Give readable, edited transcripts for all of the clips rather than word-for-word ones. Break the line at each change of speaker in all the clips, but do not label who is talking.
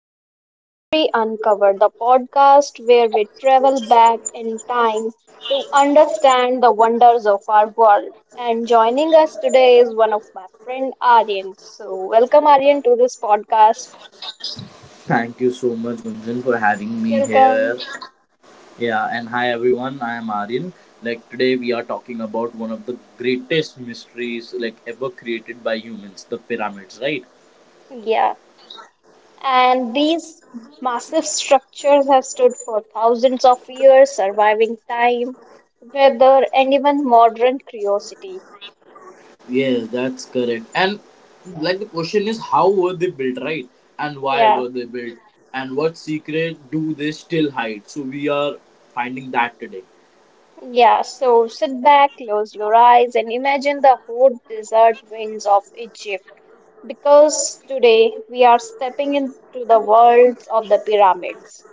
back to History Uncovered, the podcast where we travel back in time to understand the wonders of our world. And joining us today is one of my friend Aryan. So, welcome Aryan to this podcast.
Thank you so much, Gunjan, for having me
Welcome.
here. Yeah, and hi everyone. I am Aryan. Like today, we are talking about one of the greatest mysteries like ever created by humans, the pyramids, right?
Yeah. And these massive structures have stood for thousands of years, surviving time, weather, and even modern curiosity.
Yes, that's correct. And
Yeah.
like the question is, how were they built, right? And why
Yeah.
were they built? And what secret do they still hide? So we are finding that today.
Yeah, so sit back, close your eyes, and imagine the hot desert winds of Egypt. Because today we are stepping into the worlds of the pyramids,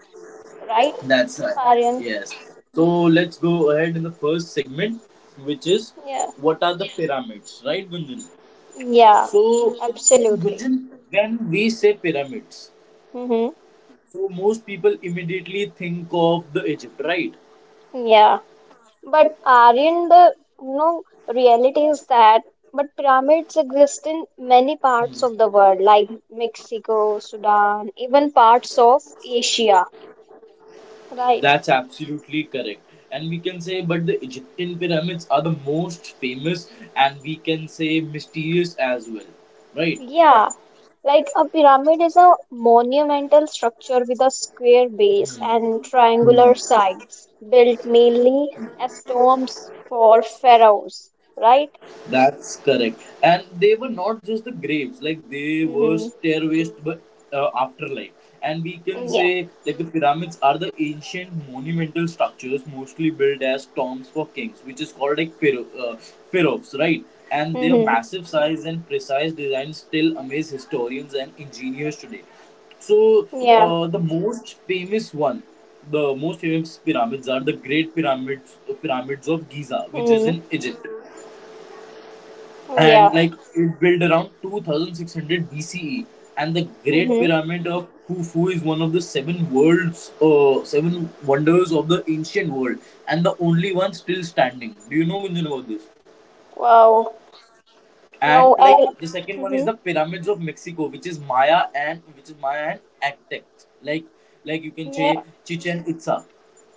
right,
That's right.
Aryan?
Yes. So let's go ahead in the first segment, which is
Yeah,
what are the pyramids, right, Gunjan?
yeah,
So,
absolutely.
Gunjan, when we say pyramids,
Mm-hmm.
so most people immediately think of the Egypt, right?
Yeah, but Aryan, the you know reality is that but pyramids exist in many parts of the world, like Mexico, Sudan, even parts of Asia, right?
That's absolutely correct. And we can say, but the Egyptian pyramids are the most famous, and we can say mysterious as well, right?
Yeah, like a pyramid is a monumental structure with a square base and triangular sides, built mainly as tombs for pharaohs, right?
That's correct. And they were not just the graves, like they were
Mm-hmm.
stairways to the afterlife. And we can
Yeah.
say, like, the pyramids are the ancient monumental structures mostly built as tombs for kings, which is called like pharaohs, right? And their
Mm-hmm.
massive size and precise design still amaze historians and engineers today. So,
Yeah.
the most famous pyramids are the Great Pyramids, pyramids of Giza, which is
Mm-hmm.
in Egypt,
Yeah.
and like it built around 2600 BCE, and the Great
Mm-hmm.
Pyramid of Khufu is one of the seven wonders of the ancient world, and the only one still standing. Do you know, Gunjan, about this?
Wow.
And
No, I.
like the second one is
Mm-hmm.
the pyramids of Mexico, which is Maya and Aztec. Like like you can say
Yeah.
Chichen Itza.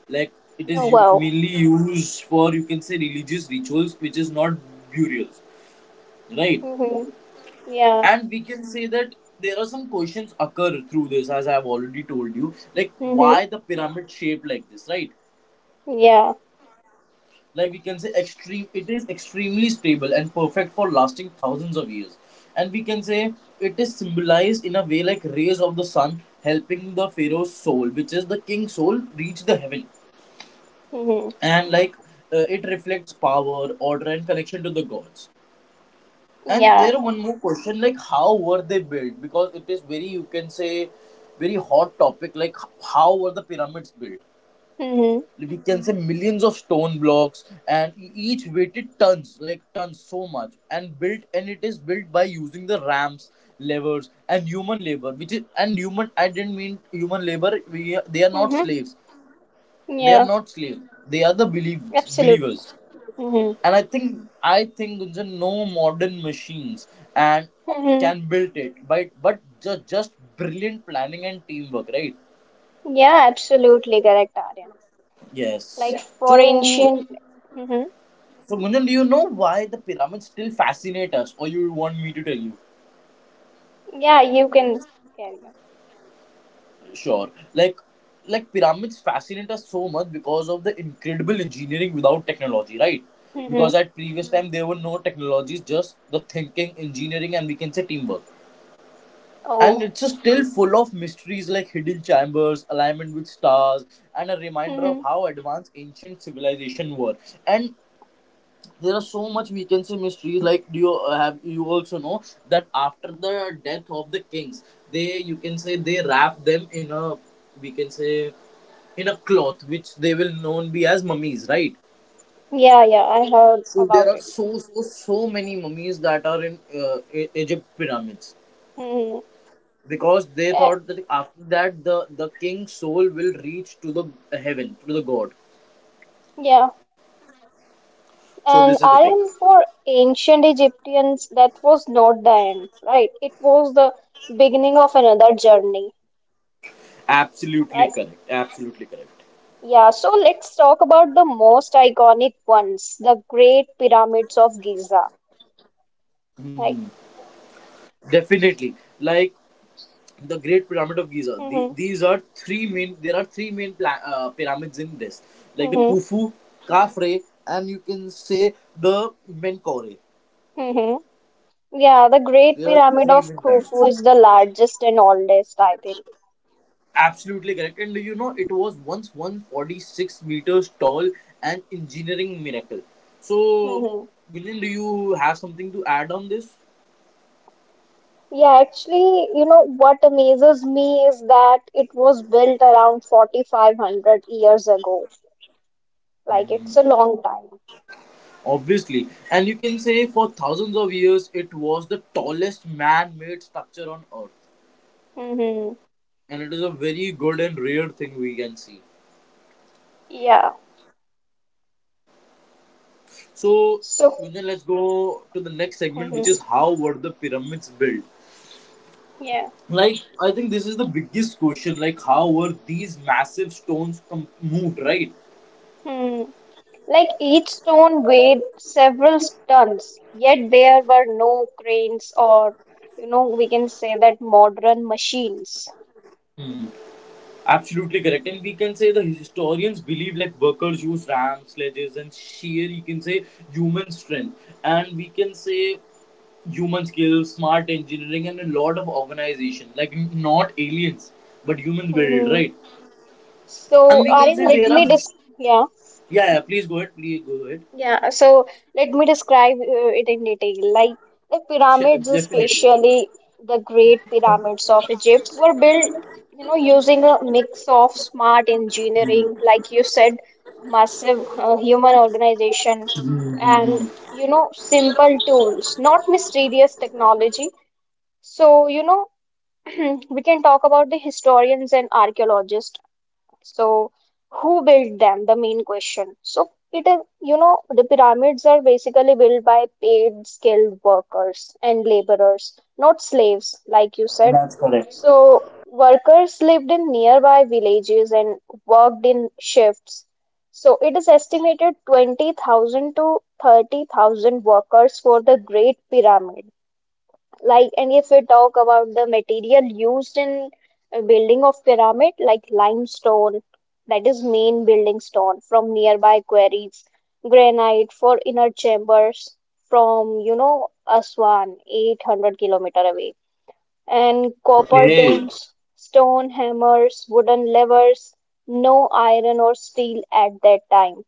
Like it
Oh,
is
wow.
mainly used for, you can say, religious rituals, which is not burials, right?
Mm-hmm. Yeah.
And we can say that there are some questions occur through this, as I've already told you, like why
Mm-hmm.
the pyramid shaped like this, right?
Yeah.
Like we can say, extreme it is extremely stable and perfect for lasting thousands of years. And we can say it is symbolized in a way like rays of the sun helping the pharaoh's soul, which is the king's soul, reach the heaven.
Mm-hmm.
And like it reflects power, order, and connection to the gods. And
Yeah.
there one more question, like how were they built? Because it is very, you can say, very hot topic. Like how were the pyramids built?
Mm-hmm.
Like, we can say millions of stone blocks, and each weighted tons, like tons, so much, and built, and it is built by using the ramps, levers, and human labor. Which is, and human, I didn't mean human labor. We They are not
Mm-hmm.
slaves. They are
Yeah.
not slaves. They are the believers.
Absolutely. Mm-hmm.
And I think, Gunjan, no modern machines and
Mm-hmm.
can build it, but just brilliant planning and teamwork, right?
Yeah, absolutely correct, Aryan. Like,
Yes.
yeah, for
So
ancient, hmm.
so Gunjan, do you know why the pyramids still fascinate us, or you want me to tell you?
Yeah, you can carry on.
Sure. Like pyramids fascinate us so much because of the incredible engineering without technology, right? Because
Hmm.
at previous time there were no technologies, just the thinking, engineering, and we can say teamwork. And
Oh,
it's just still full of mysteries like hidden chambers, alignment with stars, and a reminder of
hmm.
how advanced ancient civilization were. And there are so much, we can say, mysteries. Like do you have you also know that after the death of the kings, they, you can say, they wrap them in a, we can say, in a cloth, which they will known be as mummies, right?
Yeah, yeah, I heard
So there
about
are
it.
so many mummies that are in Egypt pyramids,
Hmm.
because they
Yeah,
thought that after that, the king's soul will reach to the heaven, to the god.
yeah.
So this
And
is the thing.
Aryan, for ancient Egyptians, that was not the end, right? It was the beginning of another journey, right?
Absolutely correct, absolutely correct.
Yeah, so let's talk about the most iconic ones, the Great Pyramids of Giza, right?
Definitely. Like the Great Pyramid of Giza,
Hmm.
these are three main there are three main pyramids in this. Like the
Hmm.
Khufu, Khafre, and you can say the Menkaure.
Hmm. Yeah, the Great
There are
Pyramid
three
of
main pyramids.
Khufu is the largest and oldest, I think.
Absolutely correct. And you know, it was once 146 meters tall, an engineering miracle. So,
Mhm.
Gunjan, do you have something to add on this?
Yeah, actually, you know what amazes me is that it was built around 4,500 years ago. Like, it's a long time.
Obviously. And you can say for thousands of years, it was the tallest man made structure on earth.
Mhm.
And it is a very good and rare thing we can see.
Yeah.
So,
So.
Gunjan, let's go to the next segment, which is
Mhm.
how were the pyramids built?
Yeah.
Like, I think this is the biggest question. Like, how were these massive stones moved, right?
Hmm. Like, each stone weighed several tons, yet there were no cranes or, you know, we can say that modern machines.
Absolutely correct. And we can say the historians believe like workers use rams, sledges, and sheer, you can say, human strength. And we can say human skills, smart engineering, and a lot of organization. Like not aliens, but humans build, right? And
So,
we can
Aryan,
say
let
there
me
are.
dis yeah,
Yeah, yeah, please go ahead.
yeah. So let me describe it in detail. Like the pyramids,
Definitely.
especially the Great Pyramids of Egypt, were built, using a mix of smart engineering, like you said, massive human organization, and simple tools, not mysterious technology. So, we can talk about the historians and archaeologists. So, who built them? The main question. So, it is, the pyramids are basically built by paid skilled workers and laborers, not slaves, like you said.
That's correct.
So, workers lived in nearby villages and worked in shifts. So, it is estimated 20,000 to 30,000 workers for the Great Pyramid. Like, and if we talk about the material used in building of pyramid, like limestone, that is main building stone from nearby quarries, granite for inner chambers from, Aswan, 800 kilometer away, and copper
Okay.
tools, stone hammers, wooden levers, no iron or steel at that time.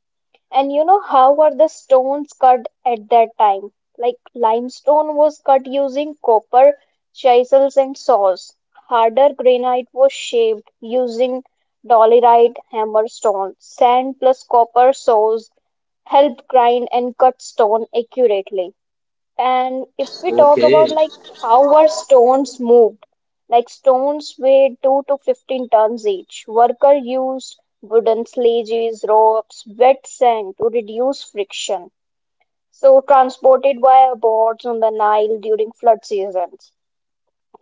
And you know how were the stones cut at that time? Like limestone was cut using copper chisels and saws. Harder granite was shaped using dolerite hammer stone. Sand plus copper saws helped grind and cut stone accurately. And if we talk about
Okay.
like how were stones moved, like stones weighed 2 to 15 tons each. Worker used wooden sledges, ropes, wet sand to reduce friction. So transported via boats on the Nile during flood seasons.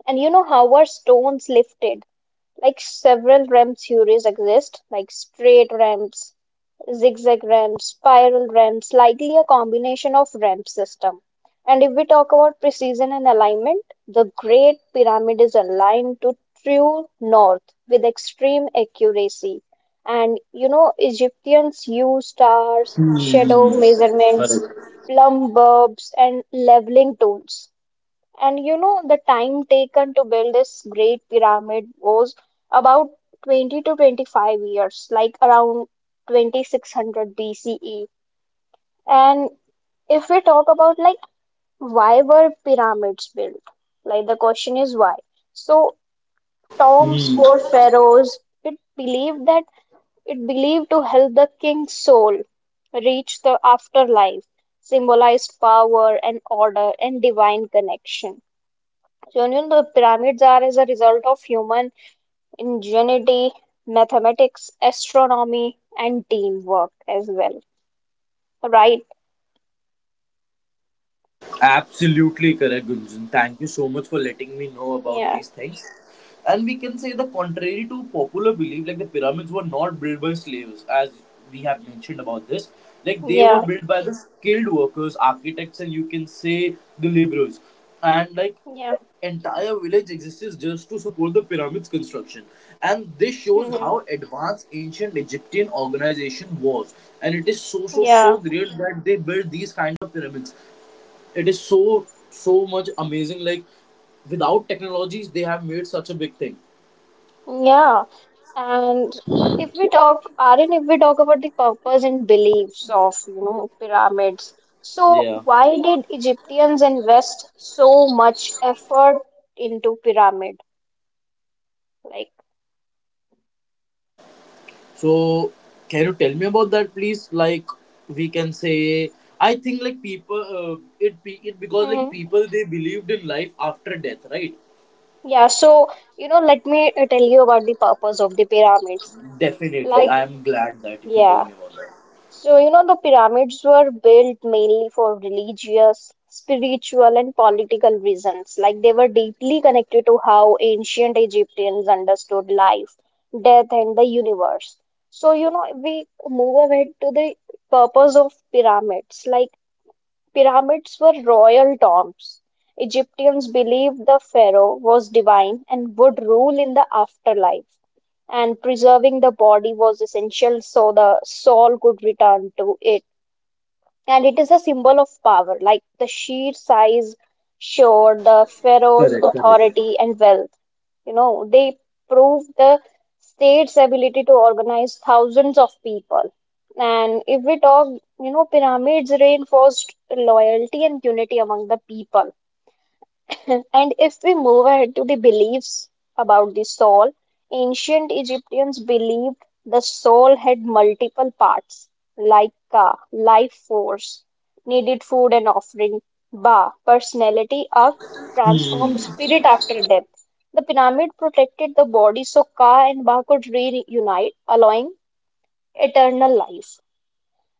And you know how are stones lifted? Like several ramp theories exist, like straight ramps, zigzag ramps, spiral ramps, likely a combination of ramp system. And if we talk about precision and alignment, the Great Pyramid is aligned to true north with extreme accuracy. And Egyptians use stars, shadow
Hmm.
measurements,
Correct.
plumb bulbs, and leveling tools. And the time taken to build this great pyramid was about 20 to 25 years, like around 2600 BCE. And if we talk about like why were pyramids built? Like the question is why. So tombs
Hmm.
for pharaohs, it believed to help the king's soul reach the afterlife, symbolized power and order and divine connection. So, the pyramids are as a result of human ingenuity, mathematics, astronomy, and teamwork as well. Right?
Absolutely correct, Gunjan. Thank you so much for letting me know about
Yeah.
these things. And we can say, the contrary to popular belief, like the pyramids were not built by slaves, as we have mentioned about this. Like they were
Yeah.
built by the skilled workers, architects, and you can say, the laborers. And like
Yeah.
entire village exists just to support the pyramid's construction. And this shows how
Hmm.
advanced ancient Egyptian organization was. And it is so
Yeah.
great that they built these kind of pyramids. It is so so much amazing, like without technologies they have made such a big thing.
Yeah. And if we talk, Aryan, if we talk about the purpose and beliefs of, pyramids, so
Yeah.
why did Egyptians invest so much effort into pyramid? Like,
So can you tell me about that, please? Like, we can say, I think like people, it be it because like
hmm?
people, they believed in life after death, right?
Yeah, so let me tell you about the purpose of the pyramids.
Definitely,
Like,
I am glad that if you tell
yeah,
me about that.
so the pyramids were built mainly for religious, spiritual, and political reasons. Like, they were deeply connected to how ancient Egyptians understood life, death, and the universe. So, we move ahead to the purpose of pyramids. Like, pyramids were royal tombs. Egyptians believed the pharaoh was divine and would rule in the afterlife, and preserving the body was essential so the soul could return to it, and it is a symbol of power, like the sheer size showed the pharaoh's
Correct, correct.
authority and wealth. They proved the state's ability to organize thousands of people. And if we talk, pyramids reinforced loyalty and unity among the people. And if we move ahead to the beliefs about the soul, ancient Egyptians believed the soul had multiple parts, like ka, life force, needed food and offering, ba, personality of
Hmm.
transformed spirit after death. The pyramid protected the body so ka and ba could reunite, allowing eternal life.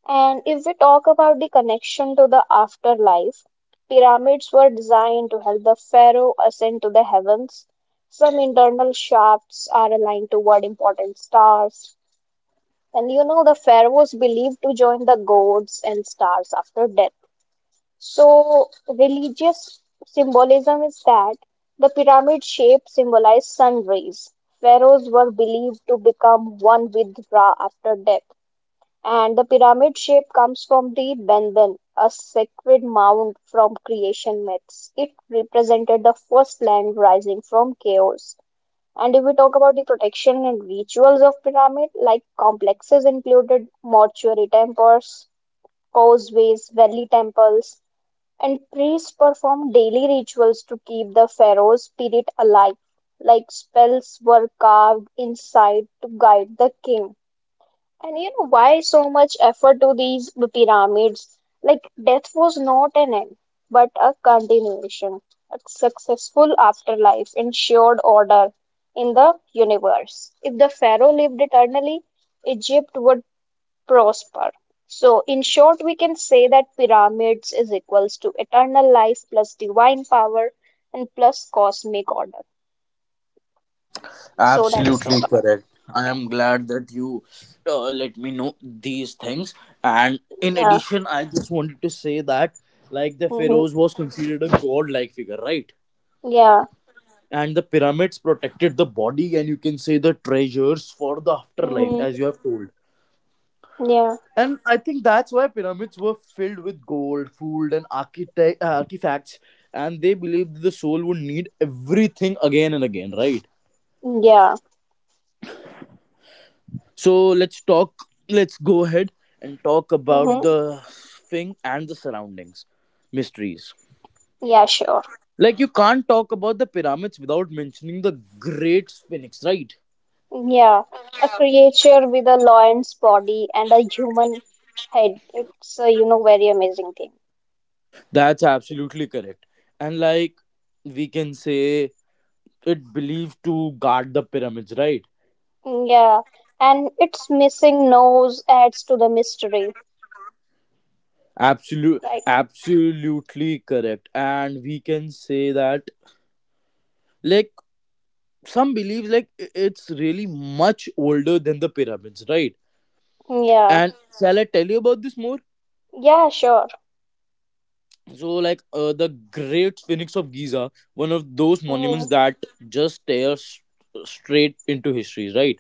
And if we talk about the connection to the afterlife, pyramids were designed to help the pharaoh ascend to the heavens. Some internal shafts are aligned toward important stars. And the pharaohs believed to join the gods and stars after death. So, religious symbolism is that the pyramid shape symbolized sun rays. Pharaohs were believed to become one with Ra after death. And the pyramid shape comes from the Benben, a sacred mound from creation myths. It represented the first land rising from chaos. And if we talk about the protection and rituals of pyramid, like complexes included mortuary temples, causeways, valley temples, and priests performed daily rituals to keep the pharaoh's spirit alive. Like spells were carved inside to guide the king, and you know why so much effort to these pyramids? Like death was not an end, but a continuation. A successful afterlife ensured order in the universe. If the pharaoh lived eternally, Egypt would prosper. So, in short, we can say that pyramids is equals to eternal life plus divine power and plus cosmic order. So that's all
Absolutely
about,
correct. I
yeah.
am glad that you let me know these things. And in
Yeah.
addition, I just wanted to say that, like, the
Hmm.
pharaohs was considered a god-like figure, right?
Yeah.
And the pyramids protected the body, and you can say, the treasures for the afterlife,
Hmm.
as you have told.
Yeah.
And I think that's why pyramids were filled with gold, food, and artifacts. And they believed the soul would need everything again and again, right?
Yeah.
So let's talk, let's go ahead and talk about
Hmm.
the thing and the surroundings, mysteries.
Yeah, sure.
Like, you can't talk about the pyramids without mentioning the Great Sphinx, right?
Yeah, a creature with a lion's body and a human head. It's a, very amazing thing.
That's absolutely correct. And, like, we can say it believed to guard the pyramids, right?
Mm, yeah, and its missing nose adds to the mystery, right?
Absolutely correct. And we can say that, like, some believe it's really much older than the pyramids, right?
Yeah,
And shall I tell you about this more?
yeah, sure.
So, the Great Phoenix of Giza, one of those monuments
Mm-hmm.
that just stares straight into history, right?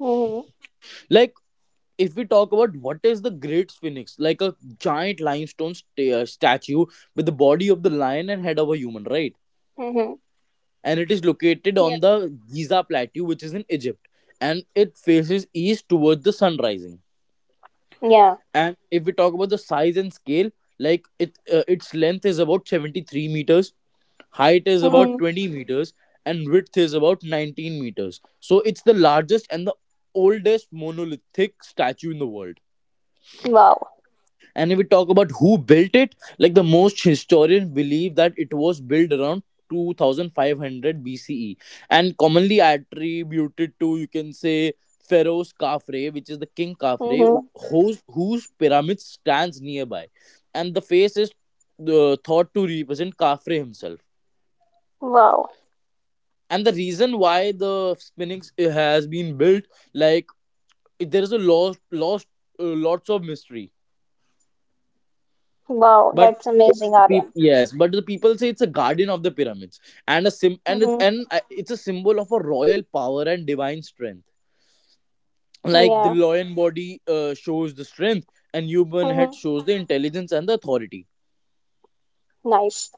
Mm-hmm.
Like, if we talk about what is the Great Phoenix, like a giant limestone statue with the body of the lion and head of a human, right?
Mm-hmm.
And it is located
Yeah.
on the Giza Plateau, which is in Egypt, and it faces east towards the sun rising.
Yeah.
And if we talk about the size and scale, like its length is about 73 meters, height is
Mm-hmm.
about 20 meters, and width is about 19 meters, so it's the largest and the oldest monolithic statue in the world.
Wow.
And if we talk about who built it, like the most historians believe that it was built around 2500 BCE, and commonly attributed to, you can say, pharaoh's Khafre, which is the king Khafre,
Mm-hmm.
whose pyramid stands nearby. And the face is thought to represent Khafre himself.
Wow.
And the reason why the spinning s- has been built, like there is a lost lots of mystery,
Wow.
but
That's amazing, Aryan.
yes, but the people say it's a guardian of the pyramids, and a sim and it,
Mm-hmm.
and it's a symbol of a royal power and divine strength. Like the
Yeah.
lion body shows the strength, and human head
Mm-hmm.
shows the intelligence and the authority.
Nice.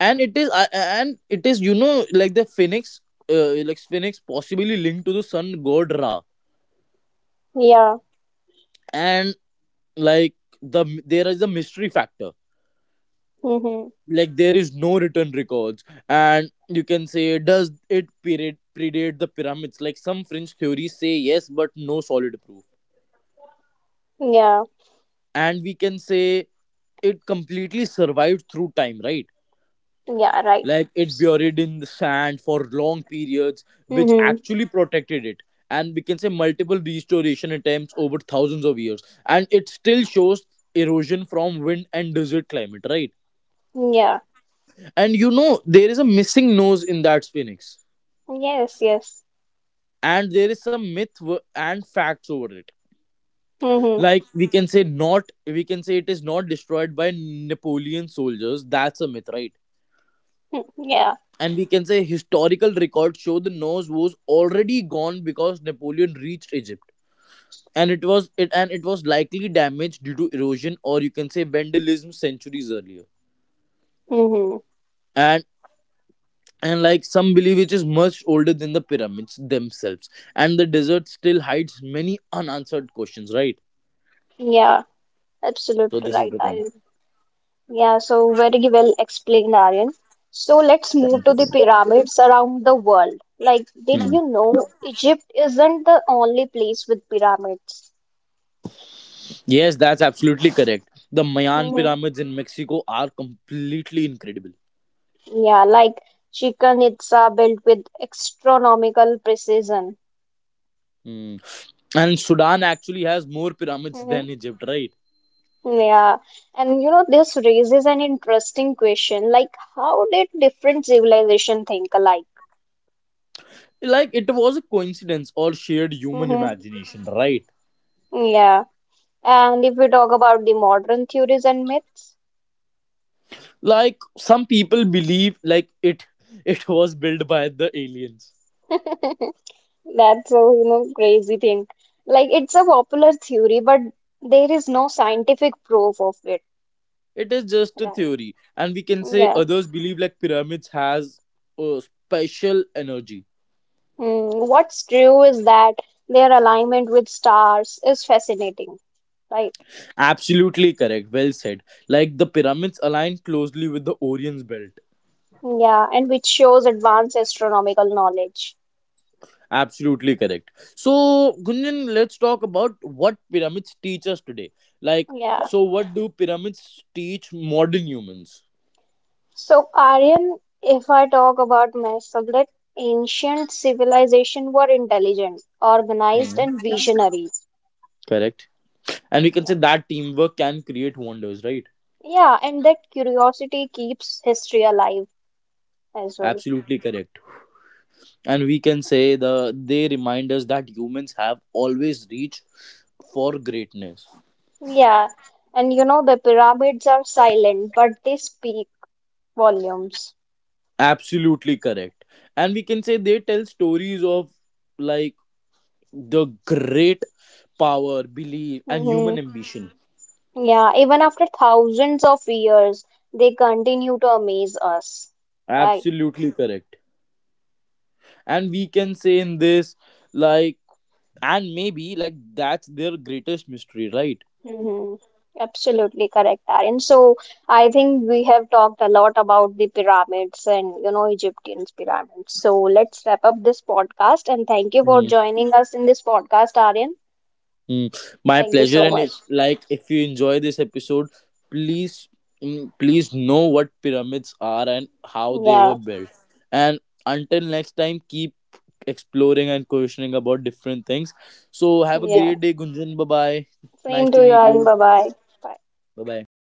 And it is you know, like the phoenix, like phoenix possibly linked to the sun god Ra.
Yeah.
And like there is a mystery factor.
Mm-hmm.
Like there is no written records, and you can say, does it period predate the pyramids? Like some fringe theories say yes, but no solid proof.
Yeah.
And we can say it completely survived through time, right?
Yeah, right.
Like it buried in the sand for long periods, which
Mm-hmm.
actually protected it. And we can say multiple restoration attempts over thousands of years, and it still shows erosion from wind and desert climate, right?
Yeah.
And you know, there is a missing nose in that phoenix.
Yes, yes.
And there is some myth w- and facts over it.
Mm-hmm.
Like we can say not, we can say it is not destroyed by Napoleon soldiers. That's a myth, right?
Mm, yeah.
And we can say historical records show the nose was already gone because Napoleon reached Egypt. And it was likely damaged due to erosion, or you can say, vandalism centuries earlier.
Mm-hmm.
And some believe it is much older than the pyramids themselves, and the desert still hides many unanswered questions, right?
Yeah.
So
Absolutely
this is
right,
the thing.
Aryan. Yeah, so very well explained, Aryan. So let's move
Thank
to
you.
the pyramids around the world. Like, did
Hmm.
you know Egypt isn't the only place with pyramids?
Yes, that's absolutely correct. The Mayan
Mm-hmm.
pyramids in Mexico are completely incredible.
Yeah, like Chichen Itza built with astronomical precision.
Hmm. And Sudan actually has more pyramids
Mm-hmm.
than Egypt, right?
Yeah, and this raises an interesting question, like how did different civilization think alike?
Like, it was a coincidence or shared human
Hmm.
imagination, right?
Yeah. And if we talk about the modern theories and myths,
Like some people believe like it was built by the aliens.
that's a, crazy thing. Like it's a popular theory, but there is no scientific proof of it,
It is just a
right?
theory. And we can say
Yeah.
others believe like pyramids has a special energy.
Mm, what's true is that their alignment with stars is fascinating, right?
Absolutely correct, well said. Like the pyramids align closely with the Orion's belt.
Yeah, and which shows advanced astronomical knowledge.
Absolutely correct. So, Gunjan, let's talk about what pyramids teach us today. Like,
Yeah.
so what do pyramids teach modern humans?
So, Aryan, if I talk about my subject, ancient civilization were intelligent, organized,
Hmm.
and visionary.
Correct. And we can
Yeah.
say that teamwork can create wonders, right?
Yeah, and that curiosity keeps history alive as well.
Absolutely correct. And we can say they remind us that humans have always reached for greatness.
Yeah. And the pyramids are silent, but they speak volumes.
Absolutely correct. And we can say they tell stories of, like, the great power, belief, and
Hmm.
human ambition.
Yeah, even after thousands of years, they continue to amaze us. Right.
Absolutely correct. And we can say in this like and maybe like that's their greatest mystery, right?
Mm-hmm. Absolutely correct, Aryan. So I think we have talked a lot about the pyramids and Egyptian pyramids. So let's wrap up this podcast and thank you for
Hmm.
joining us in this podcast, Aryan.
Mm, my
Thank you
pleasure.
so
And if
much.
like if you enjoy this episode, please please know what pyramids are and how they were
Yeah,
built. And until next time, keep exploring and questioning about different things. So have a
yeah.
great day, Gunjan. Bye bye. Nice
Same to
to
you,
meet you.
Aryan. Bye bye.
Bye bye.